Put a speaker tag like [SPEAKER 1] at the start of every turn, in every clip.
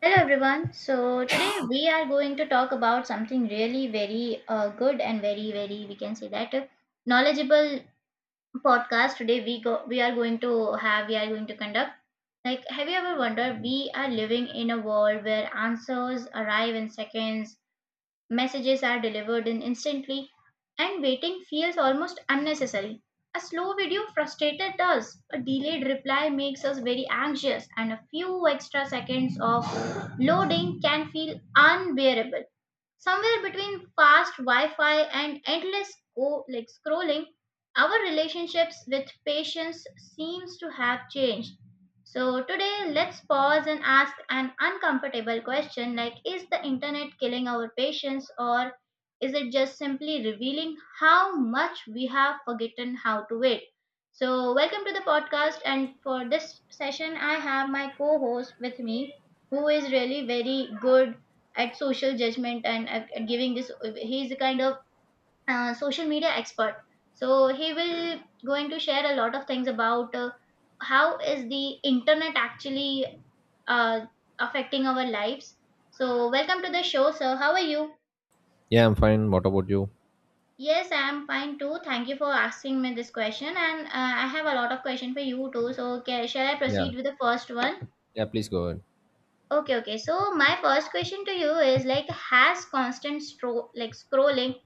[SPEAKER 1] Hello everyone. So today we are going to talk about something really very good and very we can say that knowledgeable podcast. Today we are going to conduct. Like, have you ever wondered? We are living in a world where answers arrive in seconds. Messages are delivered in instantly, and waiting feels almost unnecessary. A slow video frustrated us. A delayed reply makes us very anxious, and a few extra seconds of loading can feel unbearable. Somewhere between fast Wi-Fi and endless like scrolling, our relationships with patience seems to have changed. So, today, let's pause and ask an uncomfortable question, like, is the internet killing our patience, or is it just simply revealing how much we have forgotten how to wait? So, welcome to the podcast. And for this session, I have my co host with me who is really very good at social judgment and at giving this. He's a kind of social media expert, so he will going to share a lot of things about how is the internet actually uh, affecting our lives. So welcome to the show, sir. How are you?
[SPEAKER 2] Yeah, I'm fine. What about you?
[SPEAKER 1] Yes, I am fine too. Thank you for asking me this question. And I have a lot of question for you too. So ca shall I
[SPEAKER 2] Yeah.
[SPEAKER 1] proceed with the first one?
[SPEAKER 2] Yeah, please go ahead.
[SPEAKER 1] Okay, okay. So my first question to you is like, has constant like scrolling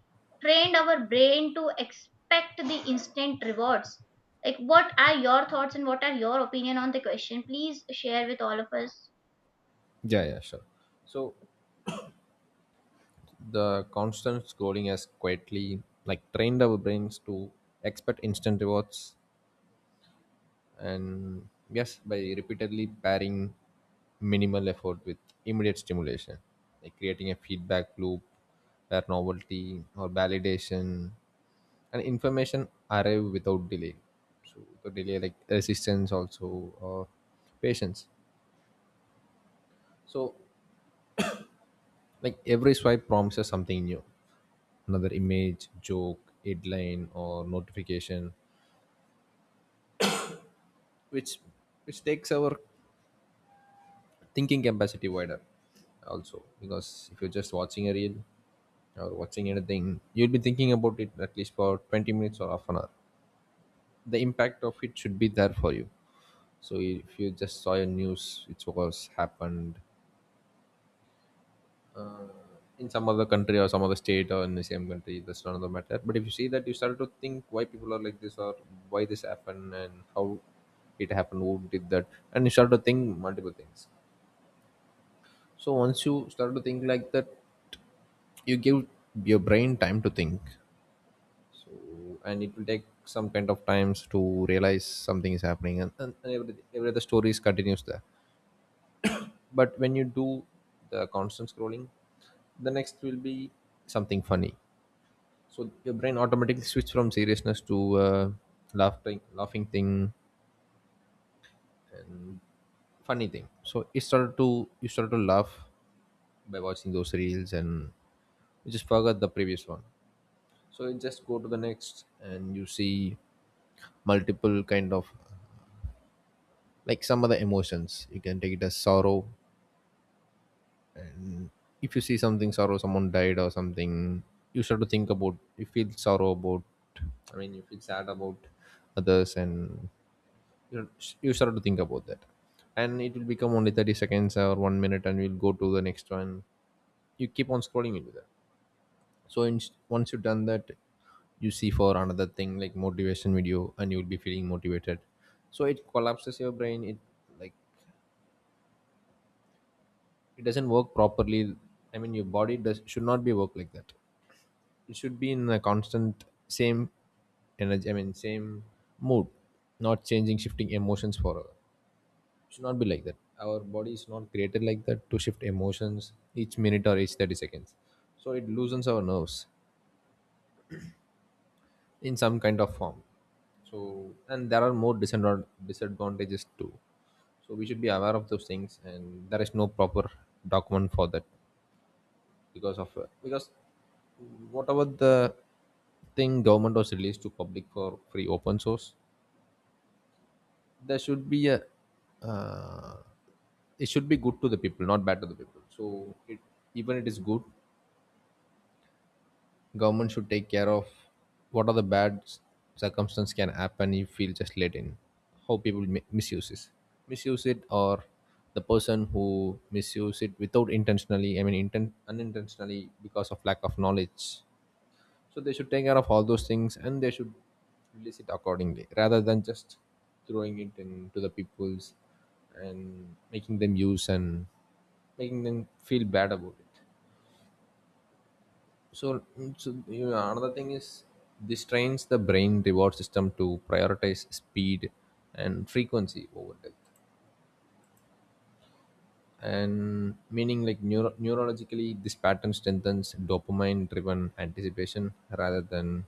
[SPEAKER 1] trained our brain to expect the instant rewards? Like, what are your thoughts, and what are your opinion on the question? Please share with all of us.
[SPEAKER 2] Yeah, yeah, sure. So the constant scrolling has quietly like trained our brains to expect instant rewards, and yes, by repeatedly pairing minimal effort with immediate stimulation, like creating a feedback loop where novelty or validation and information arrive without delay. So the delay like resistance also or patience. So like every swipe promises something new, another image, joke, headline, or notification, which which takes our thinking capacity wider also, because if you're just watching a reel or watching anything, you'll be thinking about it at least for 20 minutes or half an hour. The impact of it should be there for you. So if you just saw a news which was happened, uh, in some other country or some other state or in the same country, that's another matter. But if you see that, you start to think why people are like this, or why this happened and how it happened, who did that. And you start to think multiple things. So once you start to think like that, you give your brain time to think. So and it will take some kind of times to realize something is happening, and every other stories continues there. But when you do the constant scrolling, the next will be something funny. So your brain automatically switched from seriousness to laughing, laughing thing, funny thing. So it started to, you started to laugh by watching those reels, and you just forgot the previous one. So you just go to the next, and you see multiple kind of like some other emotions. You can take it as sorrow. If you see something sorrow, someone died or something, you start to think about. You feel sorrow about. I mean, you feel sad about others, and you know, you start to think about that, and it will become only 30 seconds or 1 minute, and we'll go to the next one. You keep on scrolling into that. So in, once you've done that, you see for another thing like motivation video, and you'll be feeling motivated. So it collapses your brain. It like, it doesn't work properly. I mean, your body does should not be work like that. It should be in a constant same energy, I mean, same mood, not changing shifting emotions for, should not be like that. Our body is not created like that to shift emotions each minute or each 30 seconds. So it loosens our nerves in some kind of form. So and there are more disadvantages too. So we should be aware of those things, and there is no proper document for that, because of because whatever the thing government was released to public for free open source, there should be a uh, it should be good to the people, not bad to the people. So it, even it is good, government should take care of what are the bad circumstance can happen if we'll just let in, how people misuse it, misuse it, or the person who misuse it without intentionally, I mean, unintentionally because of lack of knowledge. So they should take care of all those things, and they should release it accordingly rather than just throwing it into the people's and making them use and making them feel bad about it. So, so you know, another thing is this trains the brain reward system to prioritize speed and frequency over depth. And meaning like neurologically, this pattern strengthens dopamine driven anticipation rather than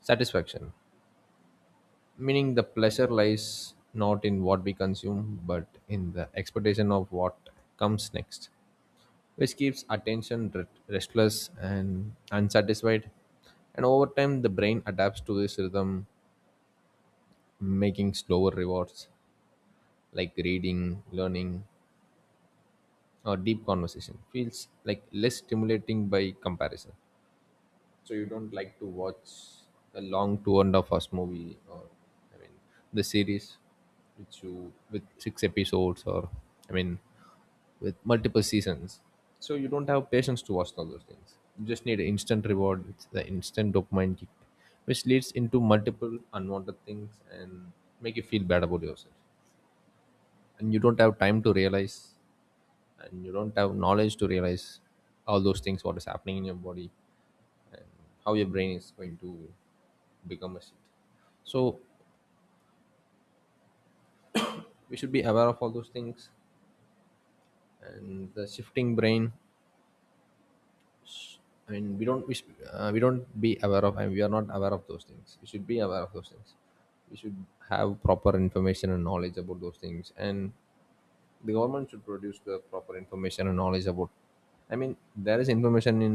[SPEAKER 2] satisfaction. Meaning the pleasure lies not in what we consume, but in the expectation of what comes next, which keeps attention restless and unsatisfied. And over time, the brain adapts to this rhythm, making slower rewards like reading, learning, or deep conversation feels like less stimulating by comparison. So you don't like to watch a long two and a half hours movie, or I mean, the series which you with 6 episodes, or I mean, with multiple seasons. So you don't have patience to watch all those things. You just need an instant reward. It's the instant dopamine kick, which leads into multiple unwanted things and make you feel bad about yourself. And you don't have time to realize, and you don't have knowledge to realize all those things, what is happening in your body, how your brain is going to become a shift. So we should be aware of all those things and the shifting brain. I mean, we don't, we, should, we don't be aware of, and we are not aware of those things. We should be aware of those things. We should have proper information and knowledge about those things, and the government should produce the proper information and knowledge about. I mean, there is information in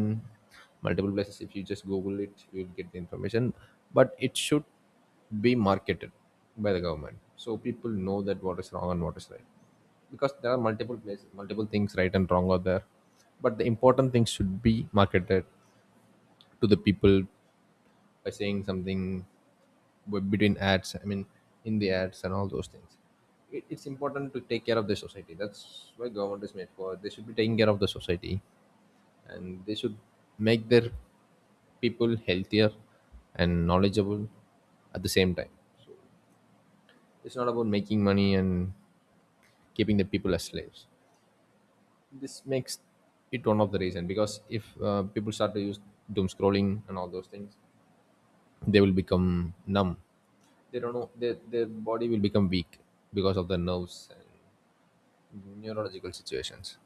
[SPEAKER 2] multiple places. If you just google it, you'll get the information, but it should be marketed by the government, so people know that what is wrong and what is right, because there are multiple places, multiple things right and wrong out there. But the important things should be marketed to the people, by saying something between ads, I mean, in the ads and all those things. It's important to take care of the society. That's why government is made for. They should be taking care of the society, and they should make their people healthier and knowledgeable at the same time. It's not about making money and keeping the people as slaves. This makes it one of the reason, because if people start to use doom scrolling and all those things, they will become numb. They don't know their body will become weak because of the nerves and neurological situations.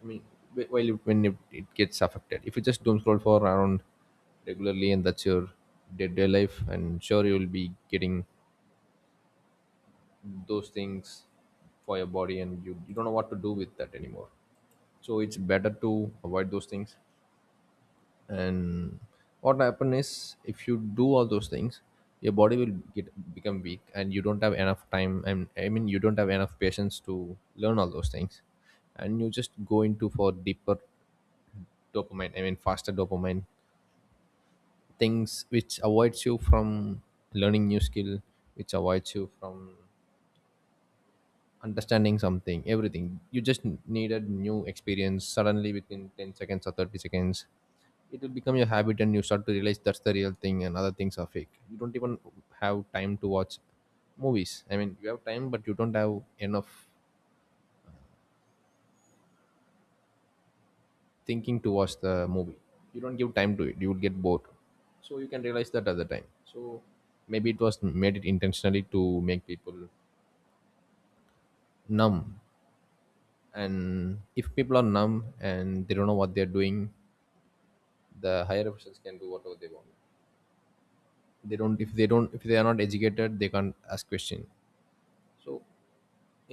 [SPEAKER 2] I mean, while it, when it gets affected, if you just doom scroll for around regularly, and that's your day-to-day life, and sure you will be getting those things for your body, and you don't know what to do with that anymore. So it's better to avoid those things. And what happen is, if you do all those things, your body will get become weak, and you don't have enough time, and I mean, you don't have enough patience to learn all those things. And you just go into for deeper dopamine, I mean, faster dopamine things, which avoids you from learning new skill, which avoids you from understanding something, everything. You just needed new experience suddenly within 10 seconds or 30 seconds. It will become your habit, and you start to realize that's the real thing and other things are fake. You don't even have time to watch movies. I mean, you have time, but you don't have enough thinking to watch the movie. You don't give time to it. You would get bored. So you can realize that at the time. So maybe it was made it intentionally to make people numb, and if people are numb and they don't know what they're doing, the higher officials can do whatever they want. They don't, if they don't, if they are not educated, they can't ask question. So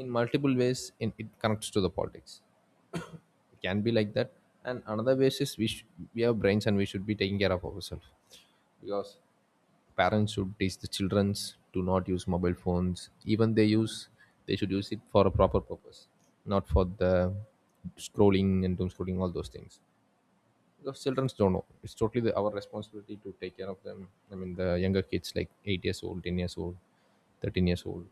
[SPEAKER 2] in multiple ways in, it connects to the politics. It can be like that. And another way is we we have brains, and we should be taking care of ourselves, because parents should teach the childrens to not use mobile phones. Even they use, they should use it for a proper purpose, not for the scrolling and doom scrolling all those things. Because children don't know. It's totally the, our responsibility to take care of them. I mean, the younger kids, like 8 years old, 10 years old, 13 years old,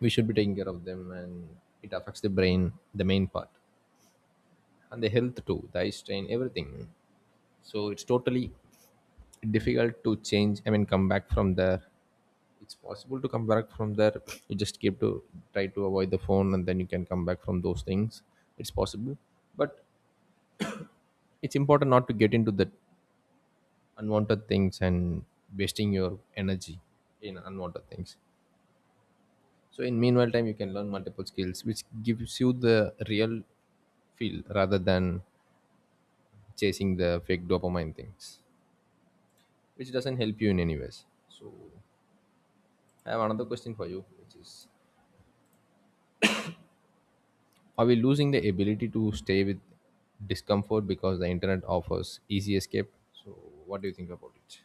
[SPEAKER 2] we should be taking care of them, and it affects the brain, the main part, and the health too, the eye strain, everything. So it's totally difficult to change. I mean, come back from there. It's possible to come back from there. You just keep to try to avoid the phone, and then you can come back from those things. It's possible, but it's important not to get into that unwanted things and wasting your energy in unwanted things, so in meanwhile time you can learn multiple skills which gives you the real feel rather than chasing the fake dopamine things, which doesn't help you in any ways. So I have another question for you, which is, are we losing the ability to stay with discomfort because the internet offers easy escape? So what do you think about it?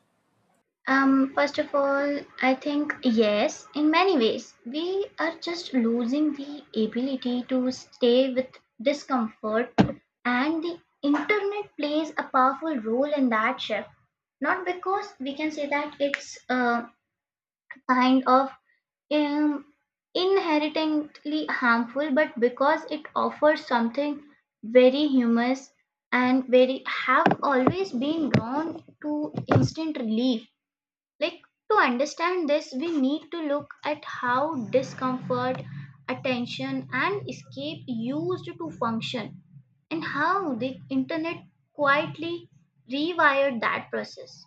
[SPEAKER 1] First of all, I think yes, in many ways, we are just losing the ability to stay with discomfort, and the internet plays a powerful role in that shift. Not because we can say that it's a kind of um, inherently harmful, but because it offers something very humorous and very have always been drawn to instant relief. Like, to understand this, we need to look at how discomfort, attention, and escape used to function, and how the internet quietly rewired that process.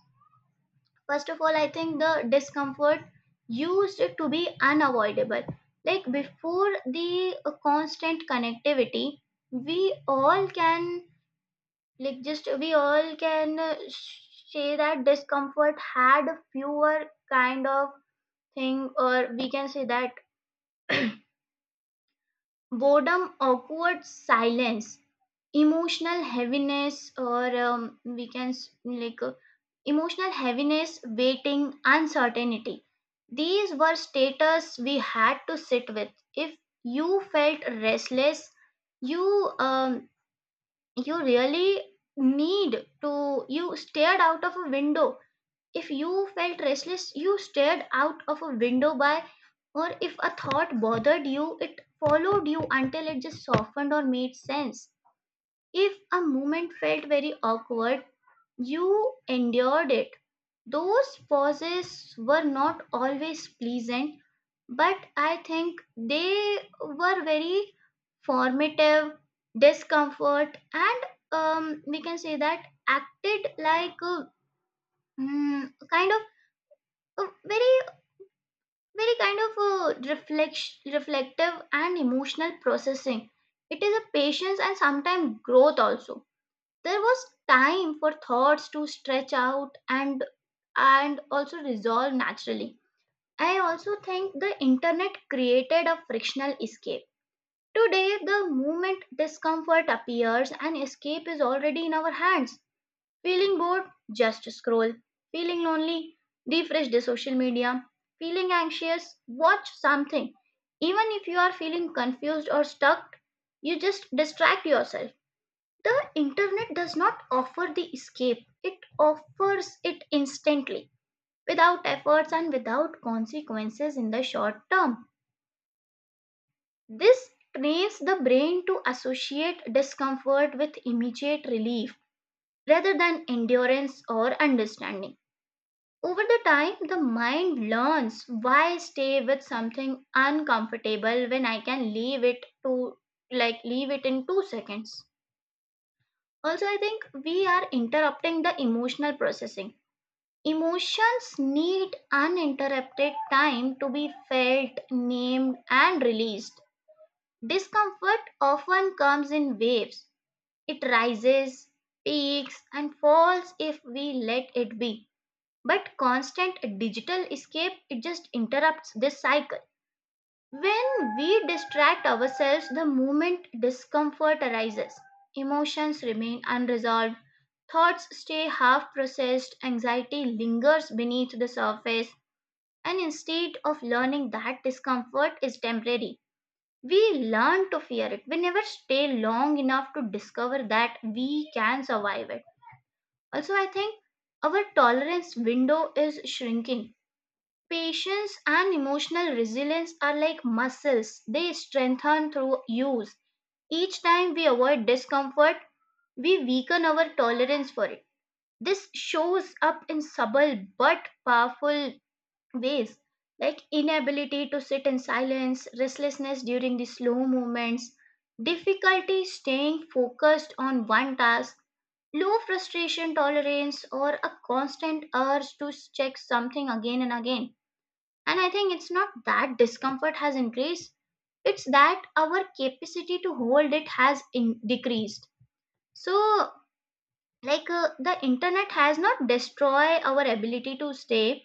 [SPEAKER 1] First of all, I think the discomfort used to be unavoidable. Like, before the constant connectivity, we all can like just we all can uh, say that discomfort had fewer kind of thing, or we can say that boredom, awkward silence, emotional heaviness, or we can emotional heaviness, waiting, uncertainty. These were status we had to sit with. If you felt restless, you um, you really need to you stared out of a window. If you felt restless, you stared out of a window by, or if a thought bothered you, it followed you until it just softened or made sense. If a moment felt very awkward, you endured it. Those pauses were not always pleasant, but I think they were very formative. Discomfort, and we can say that, acted like a kind of a very very kind of a reflect, reflective and emotional processing. It is a patience, and sometimes growth also. There was time for thoughts to stretch out, and also resolve naturally. I also think the internet created a frictional escape. Today, the moment discomfort appears, an escape is already in our hands. Feeling bored? Just scroll. Feeling lonely? Refresh the social media. Feeling anxious? Watch something. Even if you are feeling confused or stuck, you just distract yourself. The internet does not offer the escape, it offers it instantly, without efforts and without consequences in the short term. This trains the brain to associate discomfort with immediate relief rather than endurance or understanding. Over the time, the mind learns, why stay with something uncomfortable when I can leave it in 2 seconds. Also, I think we are interrupting the emotional processing. Emotions need uninterrupted time to be felt, named, and released. Discomfort often comes in waves. It rises, peaks, and falls if we let it be. But constant digital escape, it just interrupts this cycle. When we distract ourselves, the moment discomfort arises. Emotions remain unresolved, thoughts stay half processed, anxiety lingers beneath the surface, and instead of learning that discomfort is temporary, we learn to fear it. We never stay long enough to discover that we can survive it. Also, I think our tolerance window is shrinking. Patience and emotional resilience are like muscles, they strengthen through use. Each time we avoid discomfort, we weaken our tolerance for it. This shows up in subtle but powerful ways, like inability to sit in silence, restlessness during the slow movements, difficulty staying focused on one task, low frustration tolerance, or a constant urge to check something again and again. And I think it's not that discomfort has increased, it's that our capacity to hold it has decreased. So, like, the internet has not destroyed our ability to stay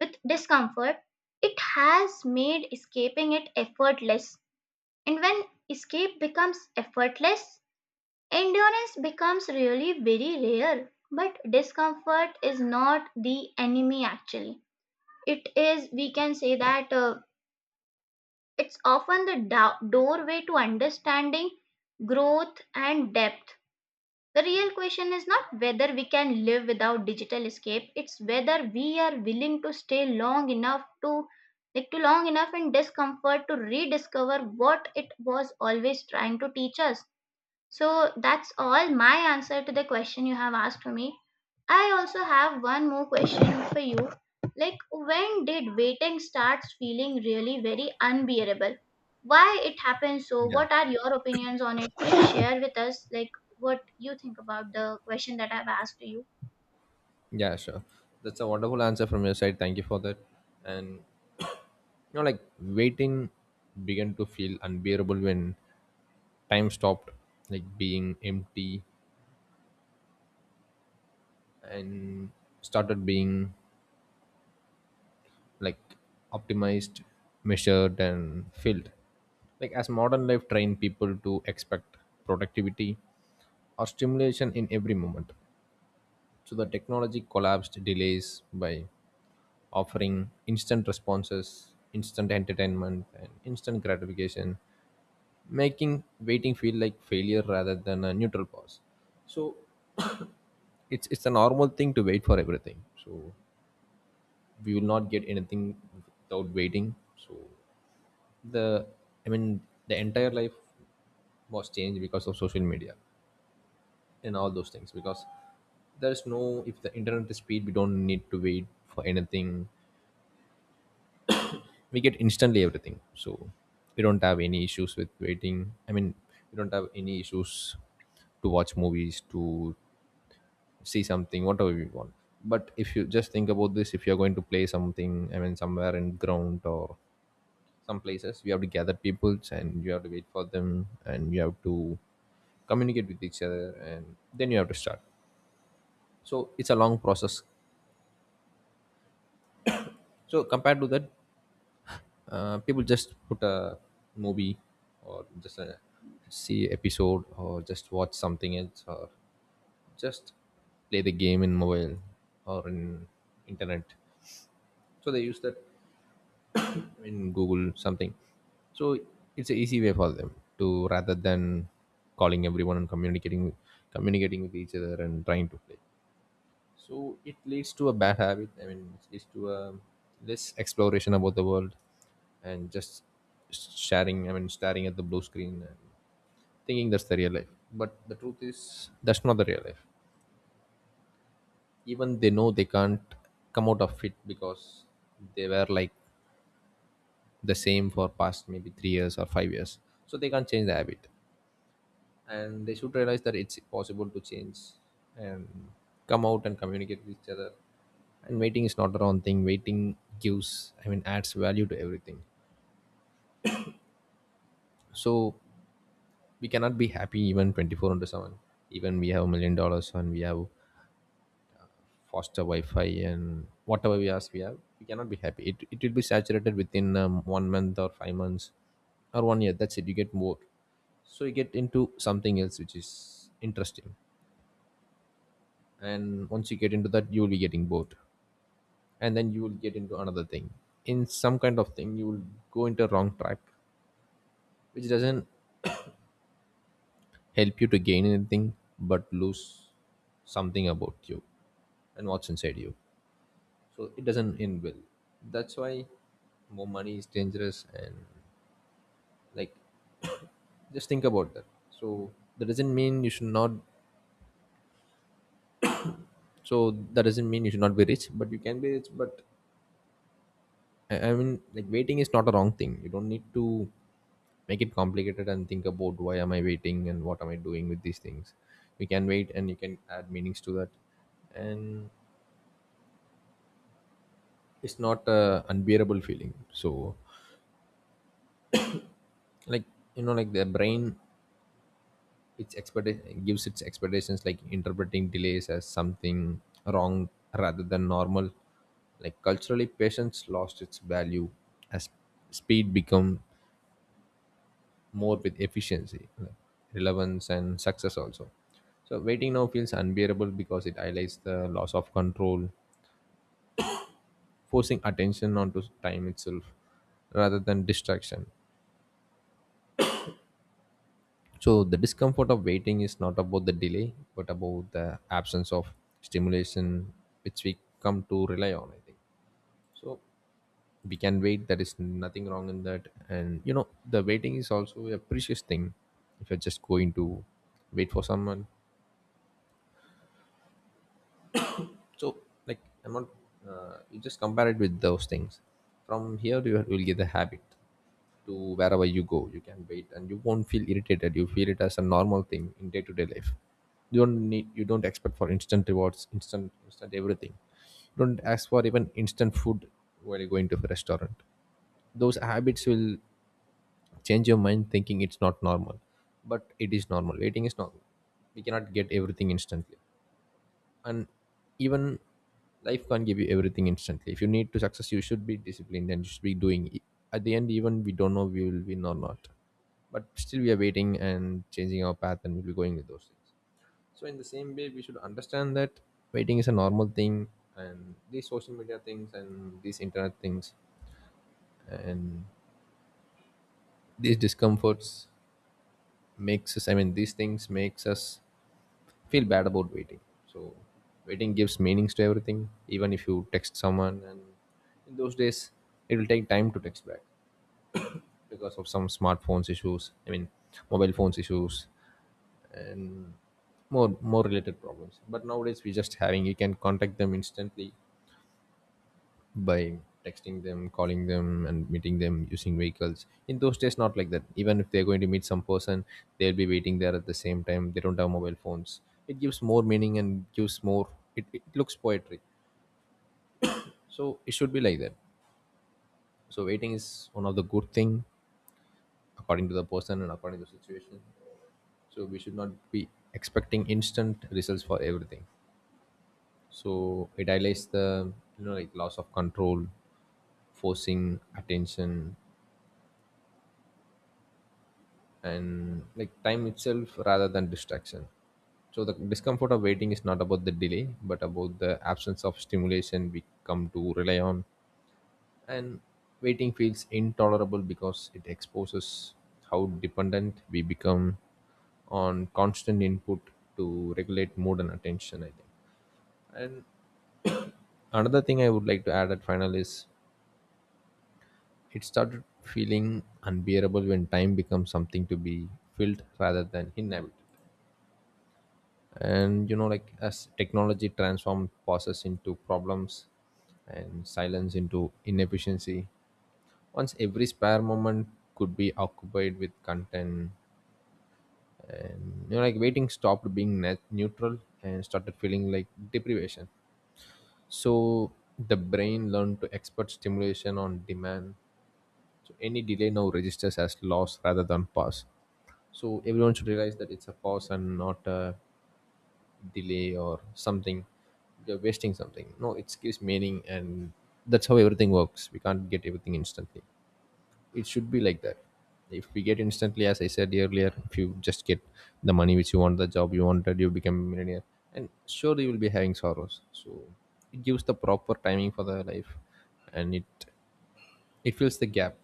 [SPEAKER 1] with discomfort, it has made escaping it effortless. And when escape becomes effortless, endurance becomes really very rare. But discomfort is not the enemy, actually. It is, we can say that, it's often the doorway to understanding, growth, and depth. The real question is not whether we can live without digital escape, it's whether we are willing to stay long enough to long enough in discomfort to rediscover what it was always trying to teach us. So that's all my answer to the question you have asked for me. I also have one more question for you. Like, when did waiting starts feeling really very unbearable? Why it happens so?
[SPEAKER 2] Yeah,
[SPEAKER 1] What are your opinions on it? Please share with us, like, what you think about the question that I've asked you.
[SPEAKER 2] yeah, sure. That's a wonderful answer from your side, thank you for that. And you know, like, waiting began to feel unbearable when time stopped like being empty and started being, like, optimized, measured and filled, like as modern life trained people to expect productivity or stimulation in every moment. So the technology collapsed delays by offering instant responses, instant entertainment, and instant gratification, making waiting feel like failure rather than a neutral pause. So it's a normal thing to wait for everything. So we will not get anything without waiting. So the, I mean, the entire life was changed because of social media and all those things, because there's no, if the internet is speed, we don't need to wait for anything. We get instantly everything. So we don't have any issues with waiting, I mean, we don't have any issues to watch movies, to see something, whatever we want. But if you just think about this, if you're going to play something, I mean, somewhere in ground or some places, you have to gather people and you have to wait for them and you have to communicate with each other and then you have to start. So it's a long process. So compared to that, people just put a movie or just a see episode or just watch something else or just play the game in mobile or in internet. So they use that in Google something. So it's an easy way for them, to rather than calling everyone and communicating with each other and trying to play. So it leads to a bad habit. I mean, it leads to a less exploration about the world, and just staring. I mean, staring at the blue screen and thinking that's the real life. But the truth is, that's not the real life. Even they know they can't come out of it because they were like the same for past maybe 3 years or 5 years. So they can't change the habit, and they should realize that it's possible to change and come out and communicate with each other. And waiting is not the wrong thing. Waiting gives, I mean, adds value to everything. So we cannot be happy even 24 into 7. Even we have $1 million and we have faster wi-fi and whatever we ask we have, we cannot be happy. It will be saturated within one month or 5 months or one year. That's it, you get more. So you get into something else which is interesting. And once you get into that, you will be getting bored and then you will get into another thing. In some kind of thing, you will go into wrong track, which doesn't help you to gain anything but lose something about you and what's inside you. So it doesn't end well. That's why more money is dangerous and, like, just think about that. So that doesn't mean you should not that doesn't mean you should not be rich, but you can be rich. But I mean, like, waiting is not a wrong thing. You don't need to make it complicated and think about why am I waiting and what am I doing with these things. You can wait and you can add meanings to that, and it's not a unbearable feeling. So, like, you know, like, the brain, its expectations, like interpreting delays as something wrong rather than normal. Like, culturally, patience lost its value as speed become more with efficiency, like relevance, and success also. So waiting now feels unbearable because it highlights the loss of control, forcing attention onto time itself rather than distraction. So the discomfort of waiting is not about the delay, but about the absence of stimulation which we come to rely on, I think. So we can wait, there is nothing wrong in that. And you know, the waiting is also a precious thing if you're just going to wait for someone. So, like, I'm not. You just compare it with those things. From here, you will get the habit to wherever you go. You can wait, and you won't feel irritated. You feel it as a normal thing in day-to-day life. You don't need. You don't expect for instant rewards, instant everything. You don't ask for even instant food while you're going to a restaurant. Those habits will change your mind, thinking it's not normal, but it is normal. Waiting is normal. We cannot get everything instantly, and even life can't give you everything instantly. If you need to success, you should be disciplined and you should be doing it. At the end, even we don't know we will win or not, but still we are waiting and changing our path and we'll be going with those things. So in the same way, we should understand that waiting is a normal thing, and these social media things and these internet things and these discomforts makes us, I mean, these things makes us feel bad about waiting. So waiting gives meanings to everything. Even if you text someone, and in those days, it will take time to text back because of some smartphones issues. I mean, mobile phones issues, and more related problems. But nowadays, we just having, you can contact them instantly by texting them, calling them, and meeting them using vehicles. In those days, not like that. Even if they're going to meet some person, they'll be waiting there at the same time. They don't have mobile phones. It gives more meaning and gives more. It looks poetry. So it should be like that. So waiting is one of the good thing according to the person and according to the situation. So we should not be expecting instant results for everything. So it highlights the, you know, like loss of control, forcing attention, and like time itself rather than distraction. So the discomfort of waiting is not about the delay, but about the absence of stimulation we come to rely on. And waiting feels intolerable because it exposes how dependent we become on constant input to regulate mood and attention, I think. And another thing I would like to add at final is, it started feeling unbearable when time becomes something to be filled rather than inhabited. And you know, like, as technology transformed process into problems and silence into inefficiency, once every spare moment could be occupied with content, and you know, like, waiting stopped being net neutral and started feeling like deprivation. So the brain learned to expert stimulation on demand, so any delay now registers as loss rather than pause. So everyone should realize that it's a pause and not a delay or something. You're wasting something. No, it gives meaning, and that's how everything works. We can't get everything instantly. It should be like that. If we get instantly, as I said earlier, if you just get the money which you want, the job you wanted, you become a millionaire, and sure you will be having sorrows. So it gives the proper timing for the life, and it fills the gap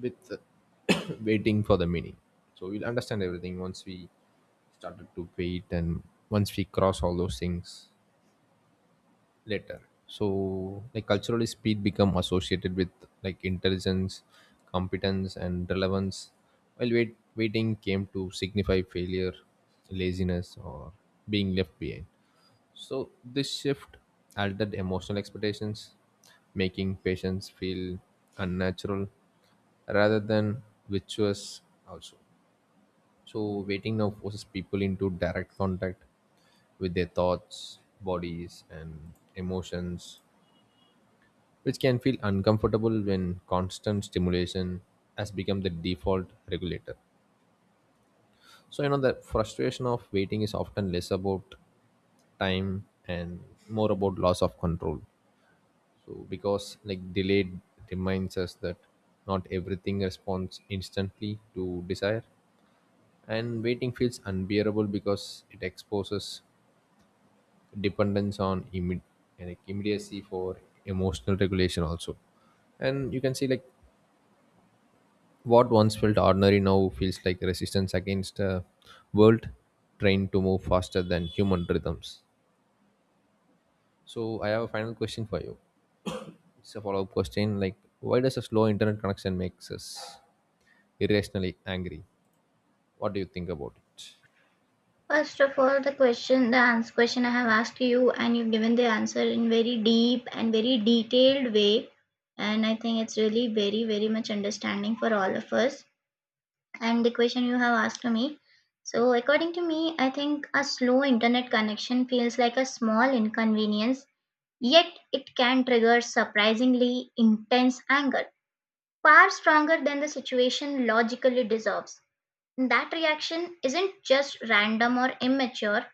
[SPEAKER 2] with waiting for the meaning. So we'll understand everything once we started to wait and once we cross all those things later. So, like, culturally speed become associated with, like, intelligence, competence and relevance, while waiting came to signify failure, laziness or being left behind. So this shift altered emotional expectations, making patients feel unnatural rather than virtuous also. So waiting now forces people into direct contact with their thoughts, bodies and emotions, which can feel uncomfortable when constant stimulation has become the default regulator. So you know, the frustration of waiting is often less about time and more about loss of control. So because, like, delayed reminds us that not everything responds instantly to desire, and waiting feels unbearable because it exposes dependence on like immediacy for emotional regulation also. And you can see, like, what once felt ordinary now feels like resistance against a world trained to move faster than human rhythms. So I have a final question for you. It's a follow-up question, like, why does a slow internet connection makes us irrationally angry? What do you think about it?
[SPEAKER 1] First of all, the question, the answer question I have asked you, and you've given the answer in very deep and very detailed way, and I think it's really very, very much understanding for all of us and the question you have asked to me. So, according to me, I think a slow internet connection feels like a small inconvenience, yet it can trigger surprisingly intense anger, far stronger than the situation logically deserves. That reaction isn't just random or immature,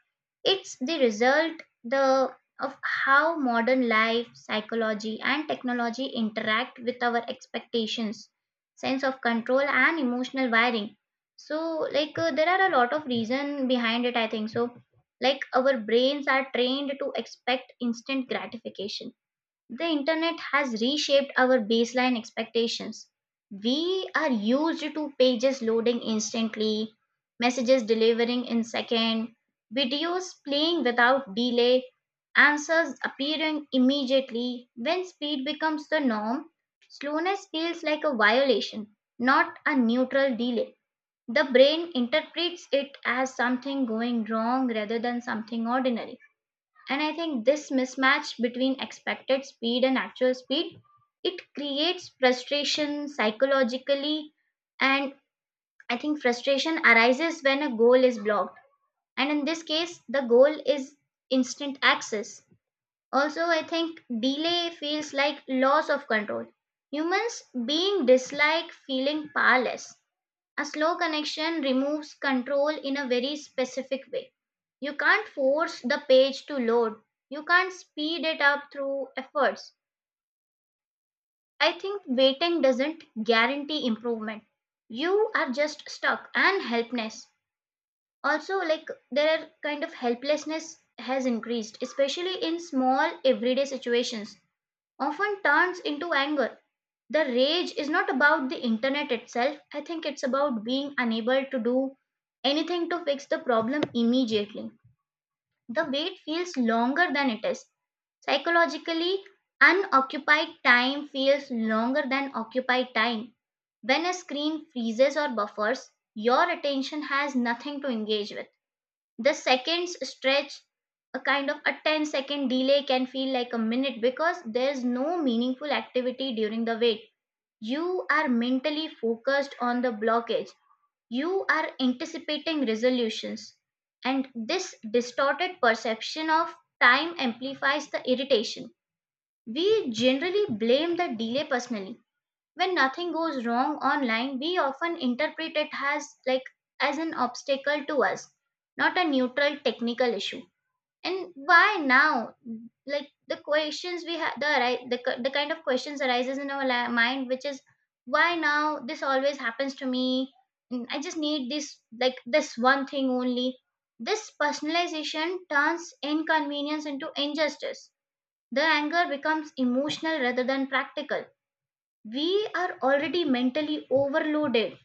[SPEAKER 1] it's the result, of how modern life, psychology, and technology interact with our expectations, sense of control, and emotional wiring. So, like, there are a lot of reason behind it, I think. So, like, our brains are trained to expect instant gratification. The internet has reshaped our baseline expectations. We are used to pages loading instantly, messages delivering in seconds, videos playing without delay, answers appearing immediately. When speed becomes the norm, slowness feels like a violation, not a neutral delay. The brain interprets it as something going wrong rather than something ordinary. And I think this mismatch between expected speed and actual speed, it creates frustration psychologically. And I think frustration arises when a goal is blocked, and in this case, the goal is instant access. Also, I think delay feels like loss of control. Humans being dislike feeling powerless. A slow connection removes control in a very specific way. You can't force the page to load, you can't speed it up through efforts. I think waiting doesn't guarantee improvement. You are just stuck and helpless. Also, like, their kind of helplessness has increased, especially in small everyday situations, often turns into anger. The rage is not about the internet itself, I think it's about being unable to do anything to fix the problem immediately. The wait feels longer than it is. Psychologically, unoccupied time feels longer than occupied time. When a screen freezes or buffers, your attention has nothing to engage with. The seconds stretch. A kind of a ten-second delay can feel like a minute, because there's no meaningful activity during the wait. You are mentally focused on the blockage, you are anticipating resolutions, and this distorted perception of time amplifies the irritation. We generally blame the delay personally. When nothing goes wrong online, we often interpret it as, like, as an obstacle to us, not a neutral technical issue. And, why now? Like, the questions we have, the right, the kind of questions arises in our mind, which is, why now this always happens to me? I just need this, like, this one thing only. This personalization turns inconvenience into injustice. The anger becomes emotional rather than practical. We are already mentally overloaded.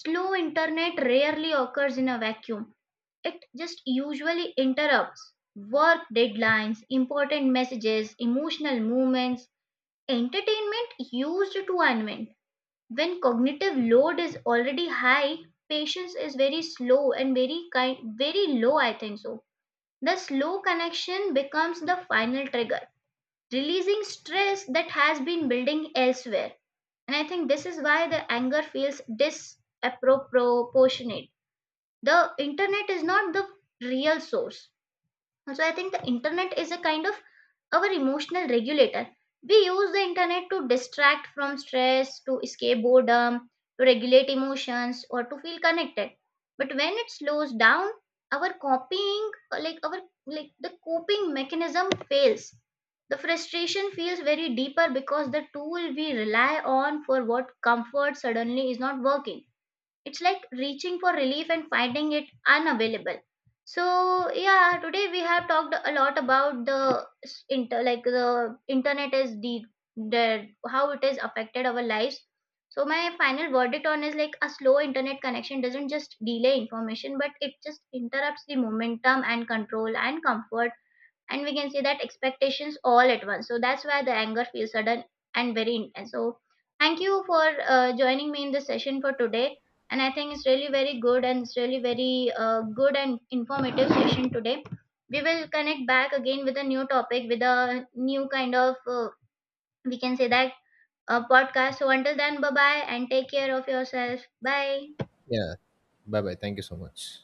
[SPEAKER 1] Slow internet rarely occurs in a vacuum. It just usually interrupts work deadlines, important messages, emotional moments. Entertainment used to unwind. When cognitive load is already high, patience is very slow and very kind, very low, I think so. The slow connection becomes the final trigger, releasing stress that has been building elsewhere. And I think this is why the anger feels disproportionate. The internet is not the real source. So I think the internet is a kind of our emotional regulator. We use the internet to distract from stress, to escape boredom, to regulate emotions, or to feel connected. But when it slows down, our copying, like our like the coping mechanism fails. The frustration feels very deeper because the tool we rely on for what comfort suddenly is not working. It's like reaching for relief and finding it unavailable. So yeah, today we have talked a lot about the s- inter like the internet, is the how it has affected our lives. So my final verdict on is, like, a slow internet connection doesn't just delay information, but it just interrupts the momentum and control and comfort and, we can say that, expectations all at once. So that's why the anger feels sudden and very intense. So, thank you for joining me in this session for today. And I think it's really very good, and it's really very good and informative session today. We will connect back again with a new topic, with a new kind of, we can say that, a podcast. So until then, bye bye, and take care of yourself. Bye.
[SPEAKER 2] Yeah. Bye bye. Thank you so much.